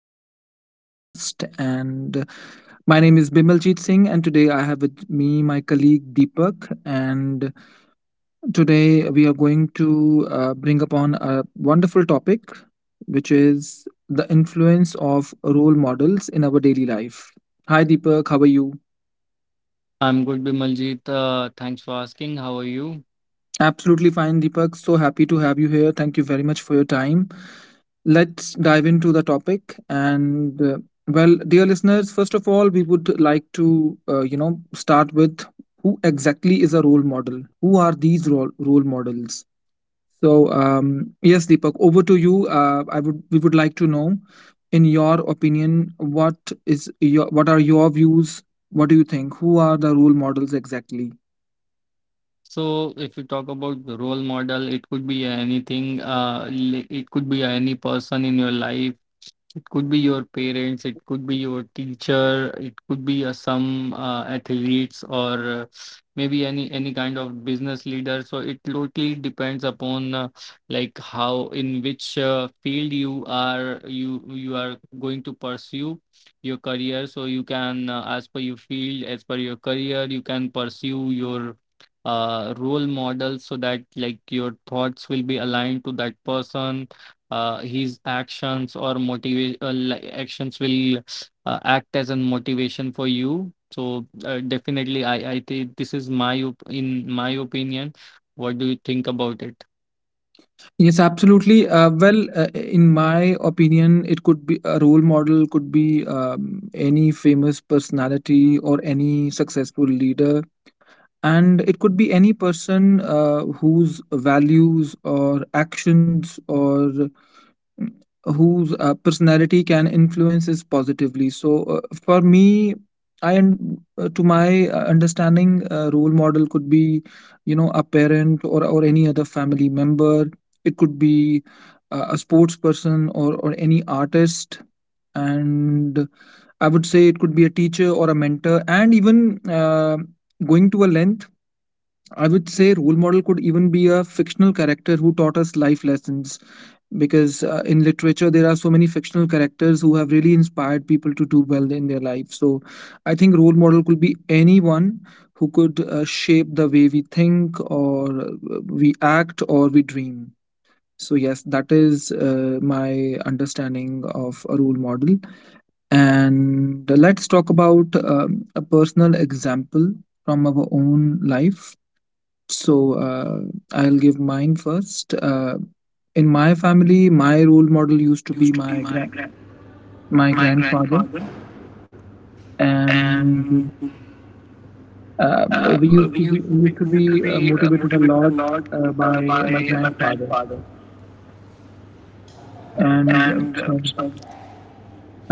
Of podcast. And My name is Bimaljeet Singh, and today I have with me my colleague Deepak. And today we are going to bring upon a wonderful topic, which is the influence of role models in our daily life. Hi, Deepak. How are you? I'm good, Bimaljeet. Thanks for asking. How are you? Absolutely fine, Deepak. So happy to have you here. Thank you very much for your time. Let's dive into the topic. Dear listeners, first of all, we would like to start with who exactly is a role model? Who are these role models? Yes, Deepak, over to you. I would We would like to know, in your opinion, what are your views? What do you think? Who are the role models exactly? So, if you talk about the role model, it could be anything. It could be any person in your life. It could be your parents, it could be your teacher, it could be some athletes or maybe any kind of business leader. So it totally depends upon like how in which field you are going to pursue your career. So you can as per your field, as per your career, you can pursue your role model so that like your thoughts will be aligned to that person. His actions or motivate actions will act as a motivation for you. So definitely I think this is my in my opinion. What do you think about it? Yes, absolutely. In my opinion, it could be a role model, could be any famous personality or any successful leader. And it could be any person whose values or actions or whose personality can influence us positively. So for me, I and to my understanding, role model could be, you know, a parent or any other family member. It could be a sports person or any artist, and I would say it could be a teacher or a mentor, and even going to a length. I would say role model could even be a fictional character who taught us life lessons, because in literature there are so many fictional characters who have really inspired people to do well in their life. So I think role model could be anyone who could shape the way we think or we act or we dream. So yes, that is my understanding of a role model. And let's talk about a personal example from our own life. so uh, I'll give mine first. In my family, my role model used to be Used to be my gra- my My grandfather, grandfather, and and uh, uh, we used we to be used to we be used to we used to be be motivated a motivated a lot lot by my by my grandfather. grandfather. And uh, And uh, so, so,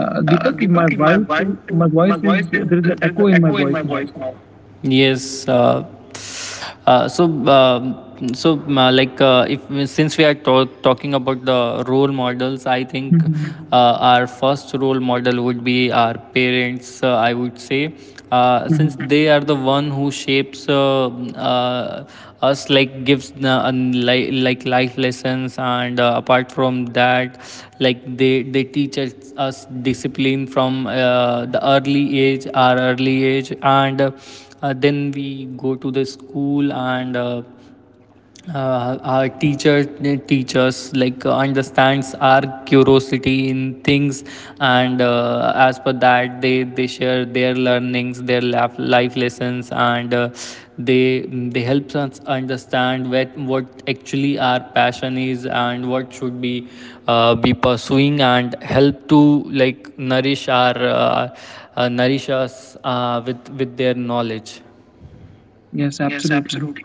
Deepak, Deepak, my my voice is, voice is there is an there is an echo in my echo in my voice now. voice now. Yes, uh, if Since we are talking about the role models, I think Mhm. Our first role model would be our parents. I would say, since Mhm. they are the one who shapes us, like gives like life lessons, and apart from that, like they teach us discipline from our early age. And. Then we go to the school and our teachers like understands our curiosity in things, and as per that they share their learnings, their life lessons, and they they helps us understand what actually our passion is and what should be pursuing and help to like nourish our nourish us with their knowledge. Yes, Yes, absolutely. absolutely.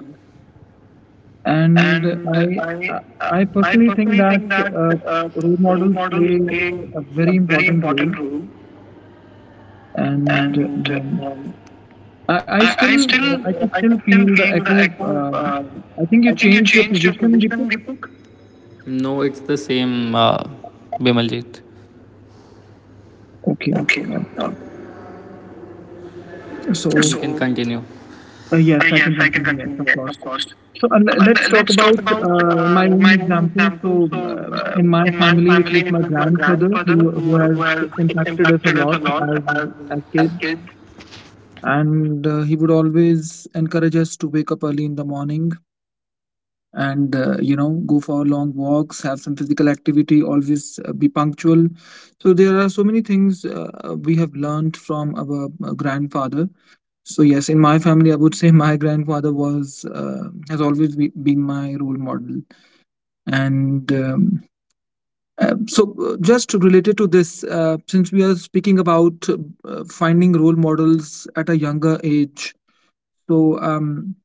And And I I, I I I personally personally think think that that uh, uh, role role models models play play a a very very important important role, role, and and um, um, I, I I still, I still, can I can still still feel the feel the echo. echo. I think I you think you changed your changed your position, position, Deepak. Deepak. No, it's the same, Bimaljit. Okay. Okay. Uh, Uh, so can continue. Yes, I Yes, can I can continue. Yes, continue. of Yes, of course. course. So Uh, let's talk let's talk about about my my own own example. example. So So, in my in my family, it family, was it my was my grandfather grandfather who who has has impacted us a impacted us a lot lot as as as kids, kids. and he would always encourage us to wake up early in the morning and you know, go for long walks, have some physical activity, always be punctual. So there are so many things we have learned from our grandfather. So yes, in my family I would say my grandfather was has always be, been my role model. And so Just related to this, since we are speaking about finding role models at a younger age, so um,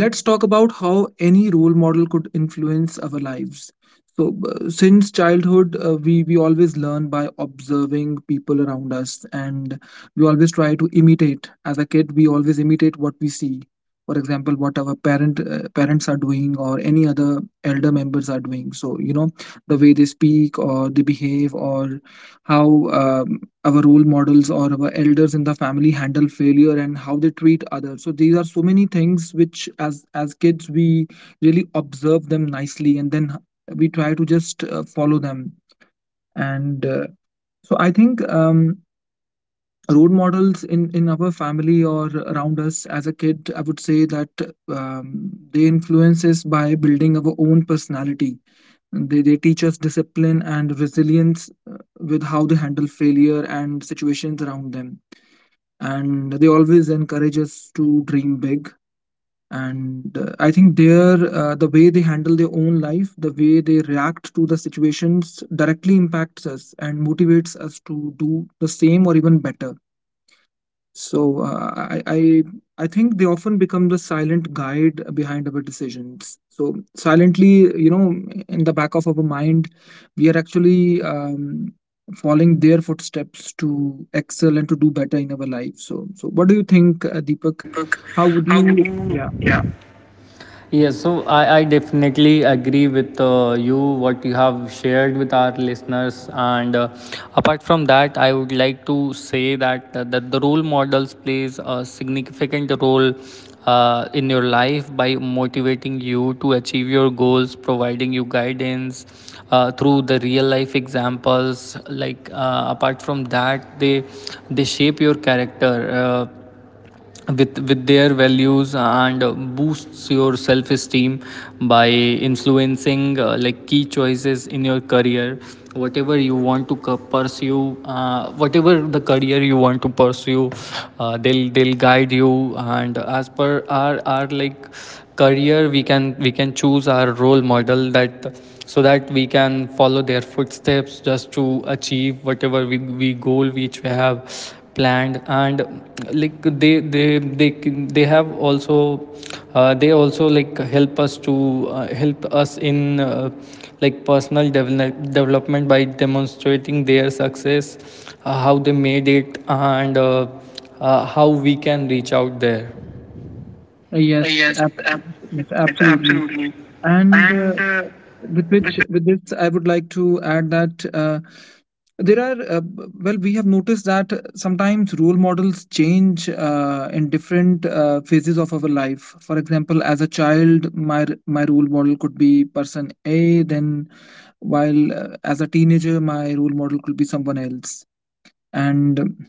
let's talk about how any role model could influence our lives. So since childhood, we always learn by observing people around us, and we always try to imitate. As a kid, we always imitate what we see, for example, what our parents are doing or any other elder members are doing. So you know, the way they speak or they behave, or how um, our role models or our elders in the family handle failure and how they treat others. So these are so many things which, as kids, we really observe them nicely, and then we try to just follow them. And uh, so I think role models in our family or around us as a kid, I would say that um, they influence us by building our own personality. They teach us discipline and resilience, with how they handle failure and situations around them, and they always encourage us to dream big. And I think their, the way they handle their own life, the way they react to the situations, directly impacts us and motivates us to do the same or even better. So I think they often become the silent guide behind our decisions. So silently, you know, in the back of our mind, we are actually following their footsteps to excel and to do better in our life. So what do you think, Deepak? Deepak, How would how would you? you? Yeah. Yeah. Yes, so I definitely agree with you what you have shared with our listeners, and apart from that, I would like to say that the role models plays a significant role in your life by motivating you to achieve your goals, providing you guidance through the real life examples. Apart from that, they shape your character. With their values and boosts your self esteem by influencing like key choices in your career. whatever you want to Whatever the career you want to pursue, they'll guide you. And as per our like career, we can choose our role model that so that we can follow their footsteps just to achieve whatever we goal which we have planned. And like they have also they also like help us to help us in like personal development by demonstrating their success, how they made it and how we can reach out there. Uh, Uh, Yes. yes, Ab- yes. yes, Absolutely. absolutely. And And the with this I would like to add that there are we have noticed that sometimes role models change in different phases of our life. For example, as a child, my role model could be person A, then while, as a teenager, my role model could be someone else. And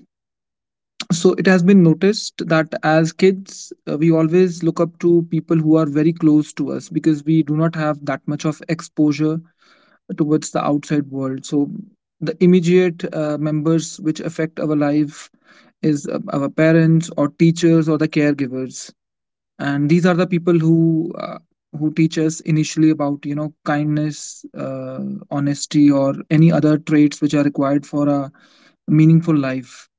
so it has been noticed that as kids, we always look up to people who are very close to us because we do not have that much of exposure towards the outside world. So the immediate members which affect our life is, our parents or teachers or the caregivers, and these are the people who, who teach us initially about, you know, kindness, honesty, or any other traits which are required for a meaningful life.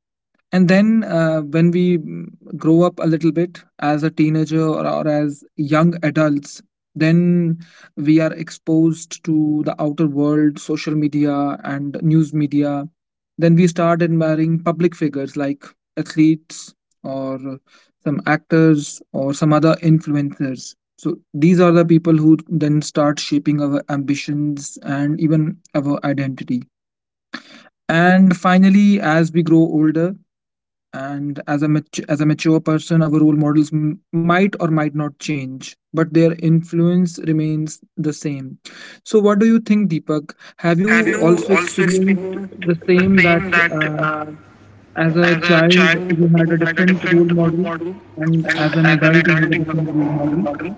And then when we grow up a little bit as a teenager, or, as young adults, then we are exposed to the outer world, social media, and news media. Then we start admiring public figures like athletes or some actors or some other influencers. So these are the people who then start shaping our ambitions and even our identity. And finally, as we grow older, and as as a mature person, our role models might or might not change, but their influence remains the same. So what do you think, Deepak? Have you Have you also also experienced experienced the the same, that same that as a as a child you child had you a had a different role different role model model and as and an as an adult you have adult a you have a different role different role model? model?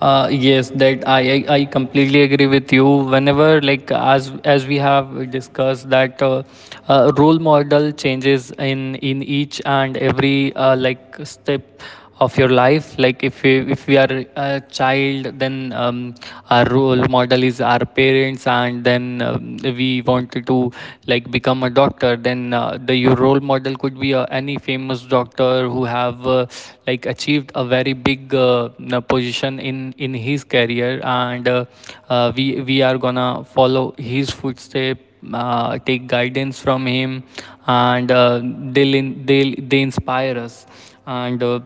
Yes, that I completely agree with you. Whenever like as we have discussed that role model changes in each and every like step of your life. Like if we are a child, then our role model is our parents, and then we want attempt to like become a doctor, then the your role model could be any famous doctor who have like achieved a very big position in his career, and we are gonna follow his footsteps, take guidance from him, and they inspire us, and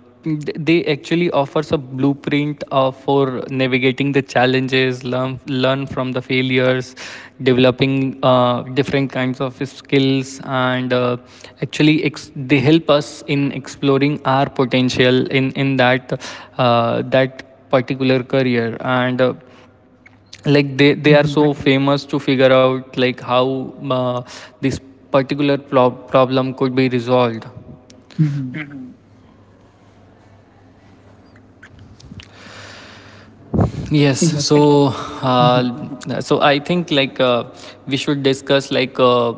they actually offers a blueprint for navigating the challenges, learn from the failures, developing different kinds of skills, and they help us in exploring our potential in that that particular career, and like they are Mm-hmm. so famous to figure out like how this particular problem could be resolved. Mm-hmm. yes Yes. so uh, Hmm. so I think like we should discuss like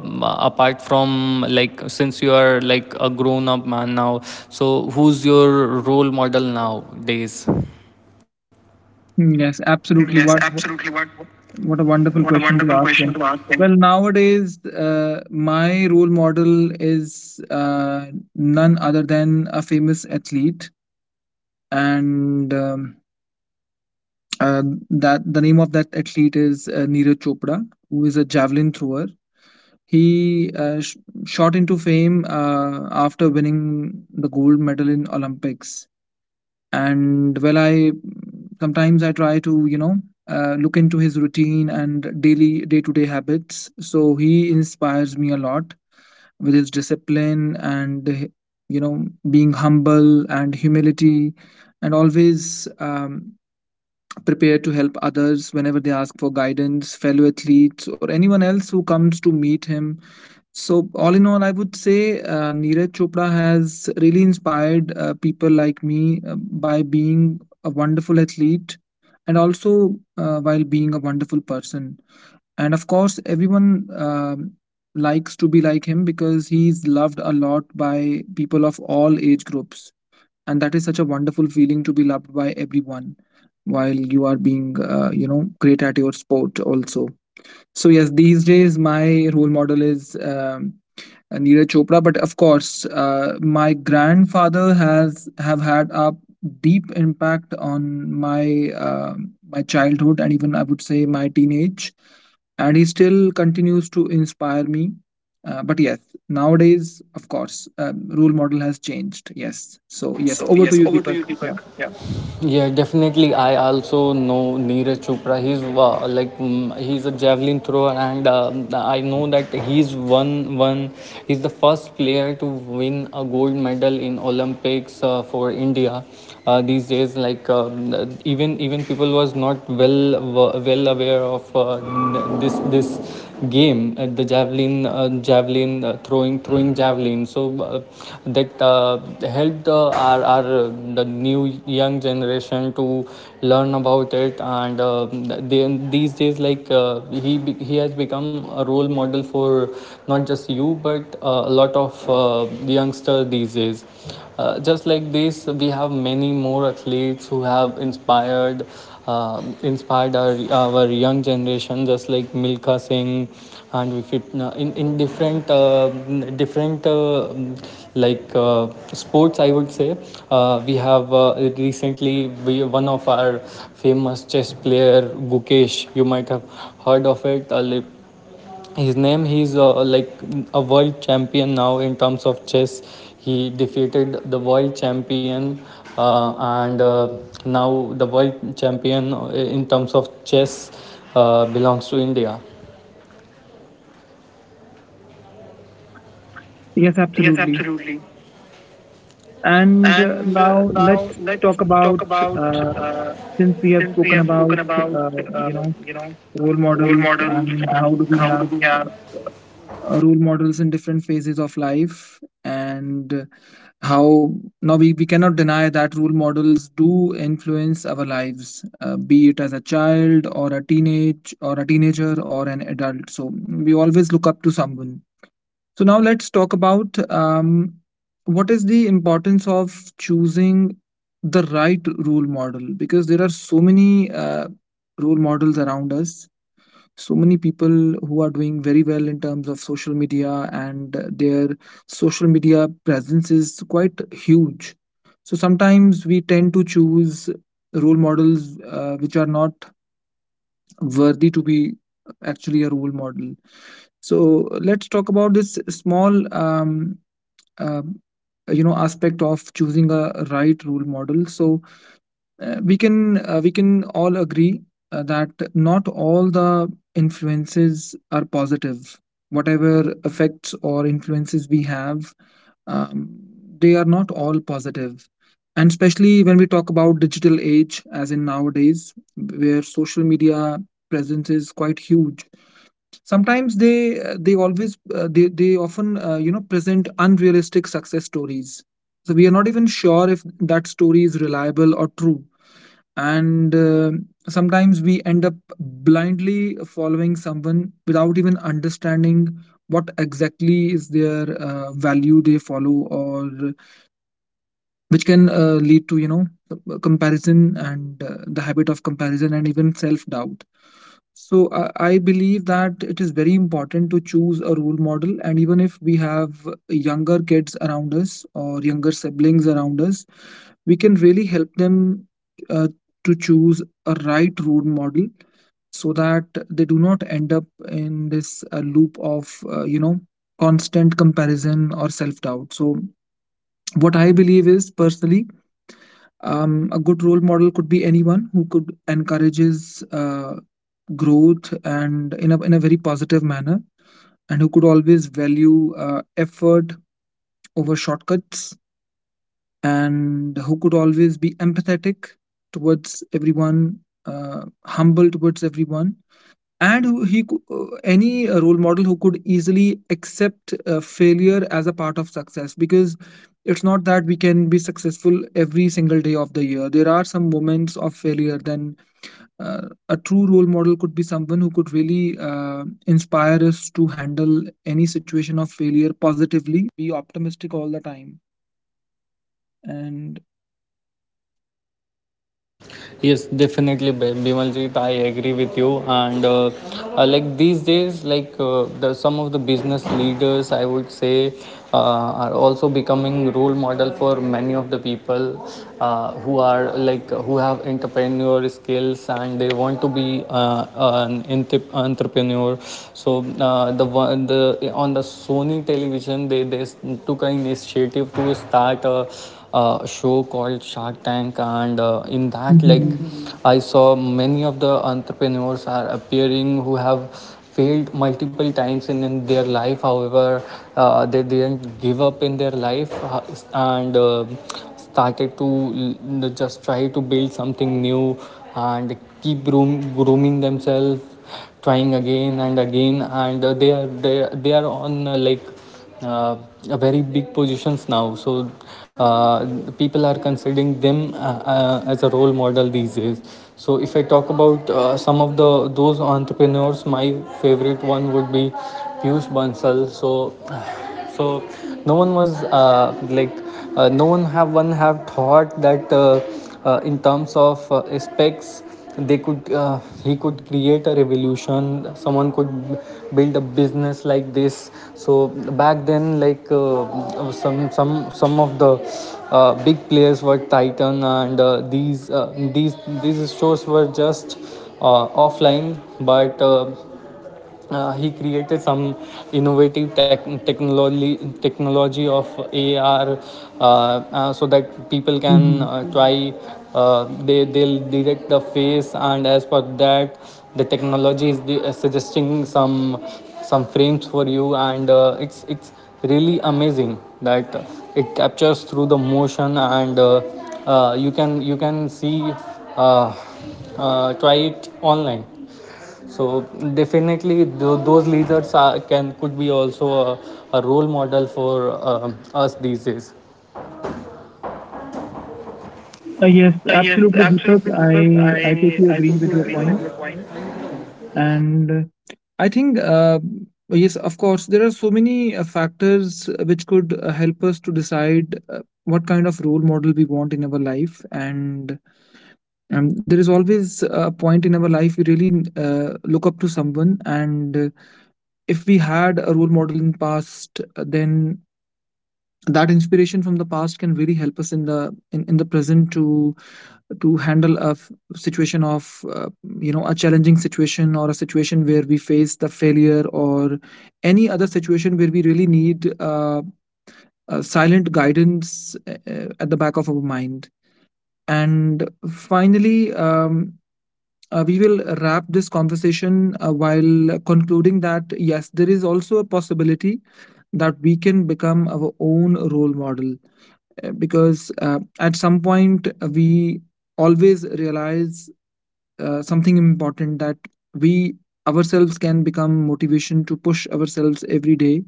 apart from like since you are like a grown up man now, so who's your role model nowadays? Yes, Yes, absolutely. Absolutely. What a What a wonderful wonderful question to question ask. to Him. ask. Well, nowadays, my role model is none other than a famous athlete, and uh, that the name of that athlete is Neeraj Chopra, who is a javelin thrower. He shot into fame after winning the gold medal in Olympics. And well, I sometimes I try to, you know, look into his routine and daily day to day habits. So he inspires me a lot with his discipline and, you know, being humble, and humility, and always prepared to help others whenever they ask for guidance, fellow athletes or anyone else who comes to meet him. So, all in all, I would say Neeraj Chopra has really inspired people like me by being a wonderful athlete and also while being a wonderful person. And of course, everyone likes to be like him because he's loved a lot by people of all age groups. And that is such a wonderful feeling, to be loved by everyone while you are being, you know, great at your sport also. So yes, these days my role model is and Neeraj Chopra. But of course, my grandfather has have had a deep impact on my, my childhood and even, I would say, my teenage, and he still continues to inspire me. But yes, nowadays, of course, role model has changed. Yes, so yes, So over to yes, you, over to Deepak. you, Yeah. Deepak. Yeah. Yeah, definitely. I also know Neeraj Chopra. He's he's a javelin thrower, and I know that he's one. He's the first player to win a gold medal in Olympics for India. These days, like even people was not well aware of this game at the javelin javelin throwing javelin. So that helped our the new young generation to learn about it, and these days like he has become a role model for not just you but a lot of youngster these days. Just like this, we have many more athletes who have inspired inspired our young generation, just like Milka Singh, and if it, in different sports, I would say we have recently one of our famous chess player Gukesh. You might have heard of it. His name, he's like a world champion now in terms of chess. He defeated the world champion, and now the world champion in terms of chess belongs to India. Yes, Yes, absolutely. absolutely. And And Now now let's let's talk about. talk about uh, uh, since we have since we spoken have about spoken about uh, you know role role models models and how do and we how do have we have. Role models in different phases of life, and how now we cannot deny that role models do influence our lives, be it as a child or a teenage or a teenager or an adult, so we always look up to someone. So now let's talk about what is the importance of choosing the right role model, because there are so many role models around us, so many people who are doing very well in terms of social media, and their social media presence is quite huge. So sometimes we tend to choose role models which are not worthy to be actually a role model. So let's talk about this small um aspect of choosing a right role model. So we can all agree that not all the influences are positive. Whatever effects or influences we have, um, they are not all positive. And especially when we talk about digital age, as in nowadays where social media presence is quite huge, sometimes they often present unrealistic success stories. So we are not even sure if that story is reliable or true. And Sometimes we end up blindly following someone without even understanding what exactly is their value they follow, or which can lead to, comparison and the habit of comparison and even self doubt. So I believe that it is very important to choose a role model, and even if we have younger kids around us or younger siblings around us, we can really help them uh, to choose a right role model, so that they do not end up in this loop of uh, you know constant comparison or self doubt. So what I believe is personally, a good role model could be anyone who could encourages growth, and in a very positive manner, and who could always value effort over shortcuts, and who could always be empathetic towards everyone, humble towards everyone, and any role model who could easily accept failure as a part of success, because it's not that we can be successful every single day of the year. There are some moments of failure. Then a true role model could be someone who could really inspire us to handle any situation of failure. Yes, definitely, Bimaljit, I agree with you. And like these days like the some of the business leaders I would say are also becoming role model for many of the people who are like who have entrepreneur skills and they want to be an entrepreneur. So the one the on the Sony Television, took an initiative to start a show called Shark Tank. And Mhm, mm-hmm, I saw many of the entrepreneurs are appearing who have failed multiple times in their life. However, they didn't give up in their life, and started to just try to build something new and keep grooming themselves, trying again and again. And they are on uh, a very big positions now. So uh, people are considering them as a role model these days. So if I talk about some of the those entrepreneurs, my favorite one would be Piyush Bansal. So no one was no one have one have thought that in terms of specs they could he could create a revolution, someone could build a business like this. So back then like some of the big players were Titan, and these stores were just offline. But He created some innovative technology, technology of AR, so that people can mhm. Try they'll detect the face, and as per that the technology is suggesting some frames for you. And it's really amazing that it captures through the motion, and you can see uh, try it online. So definitely, those leaders are, can could be also a role model for us these days. Yes, Yes, absolutely, Deepak. absolutely. Because I totally I agree totally with your agree with your point, point. and I think yes, of course, there are so many factors which could help us to decide what kind of role model we want in our life, and there is always a point in our life we really look up to someone, and if we had a role model in past, then that inspiration from the past can really help us in the in the present to handle situation of uh, a challenging situation, or a situation where we face the failure, or any other situation where we really need a silent guidance, at the back of our mind. And finally, we will wrap this conversation while concluding that yes, there is also a possibility that we can become our own role model. Because at some point we always realize something important, that we ourselves can become motivation to push ourselves every day.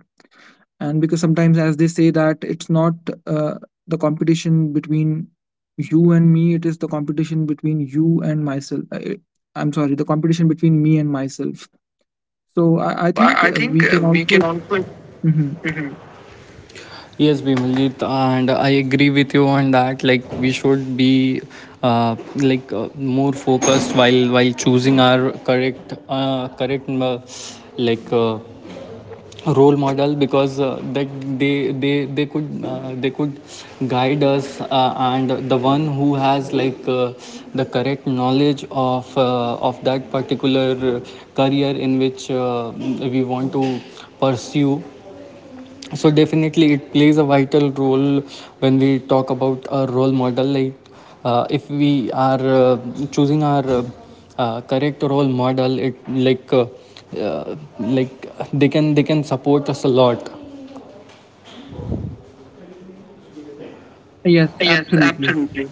And because sometimes, as they say, that it's not uh, the competition between you and me, it is the competition between you and myself. I'm sorry, the competition between me and myself. So So I think I think we can we can also. also. Mhm. Yes, Bimaljit, and I agree with you on that. Like we should be more focused while choosing our correct like uh, role model because they could guide us. And the one who has like the correct knowledge of that particular career in which we want to pursue. So definitely it plays a vital role. When we talk about a role model, like if we are uh, choosing our correct role model, it like uh, like they can support us a lot. Yes, Yes, absolutely. absolutely.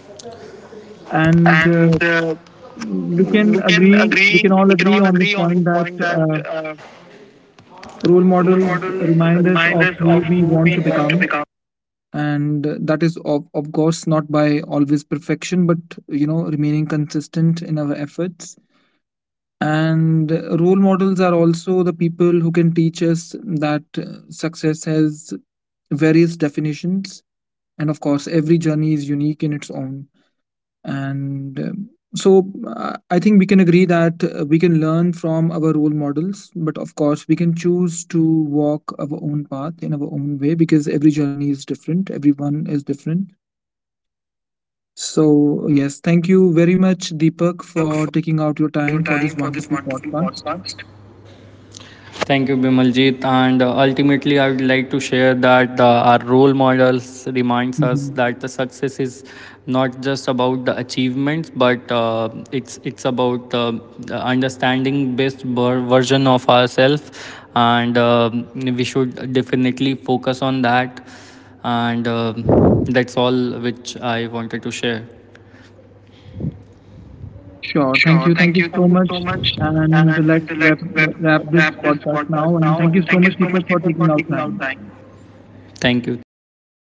And And we can we all can all agree on agree this on the point that point that role role models models remind us remind of us of who we who we want to want to become. become. And that is, of course, not by always perfection, but you know, remaining consistent in our efforts. And role models are also the people who can teach us that success has various definitions, and of course every journey is unique in its own. And I think we can agree that we can learn from our role models, but of course we can choose to walk our own path in our own way, because every journey is different, everyone is different. So yes, thank you very much, Deepak, Deepak, for for taking out your taking out your time for this time for this wonderful wonderful podcast. podcast. Thank you, Bimaljit. And ultimately, I would like to share that our role models reminds us Mhm. that the success is not just about the achievements, but it's about the understanding best version of ourselves. And we should definitely focus on that. And that's all which I wanted to share. Sure. Thank Sure. you. Thank Thank you you. Thank so you much. so much. And And let's let's wrap this wrap this podcast podcast now. And now. thank you And so thank you much, so much, Deepak, for people, for taking out taking out time. time. Thank you. Thank you so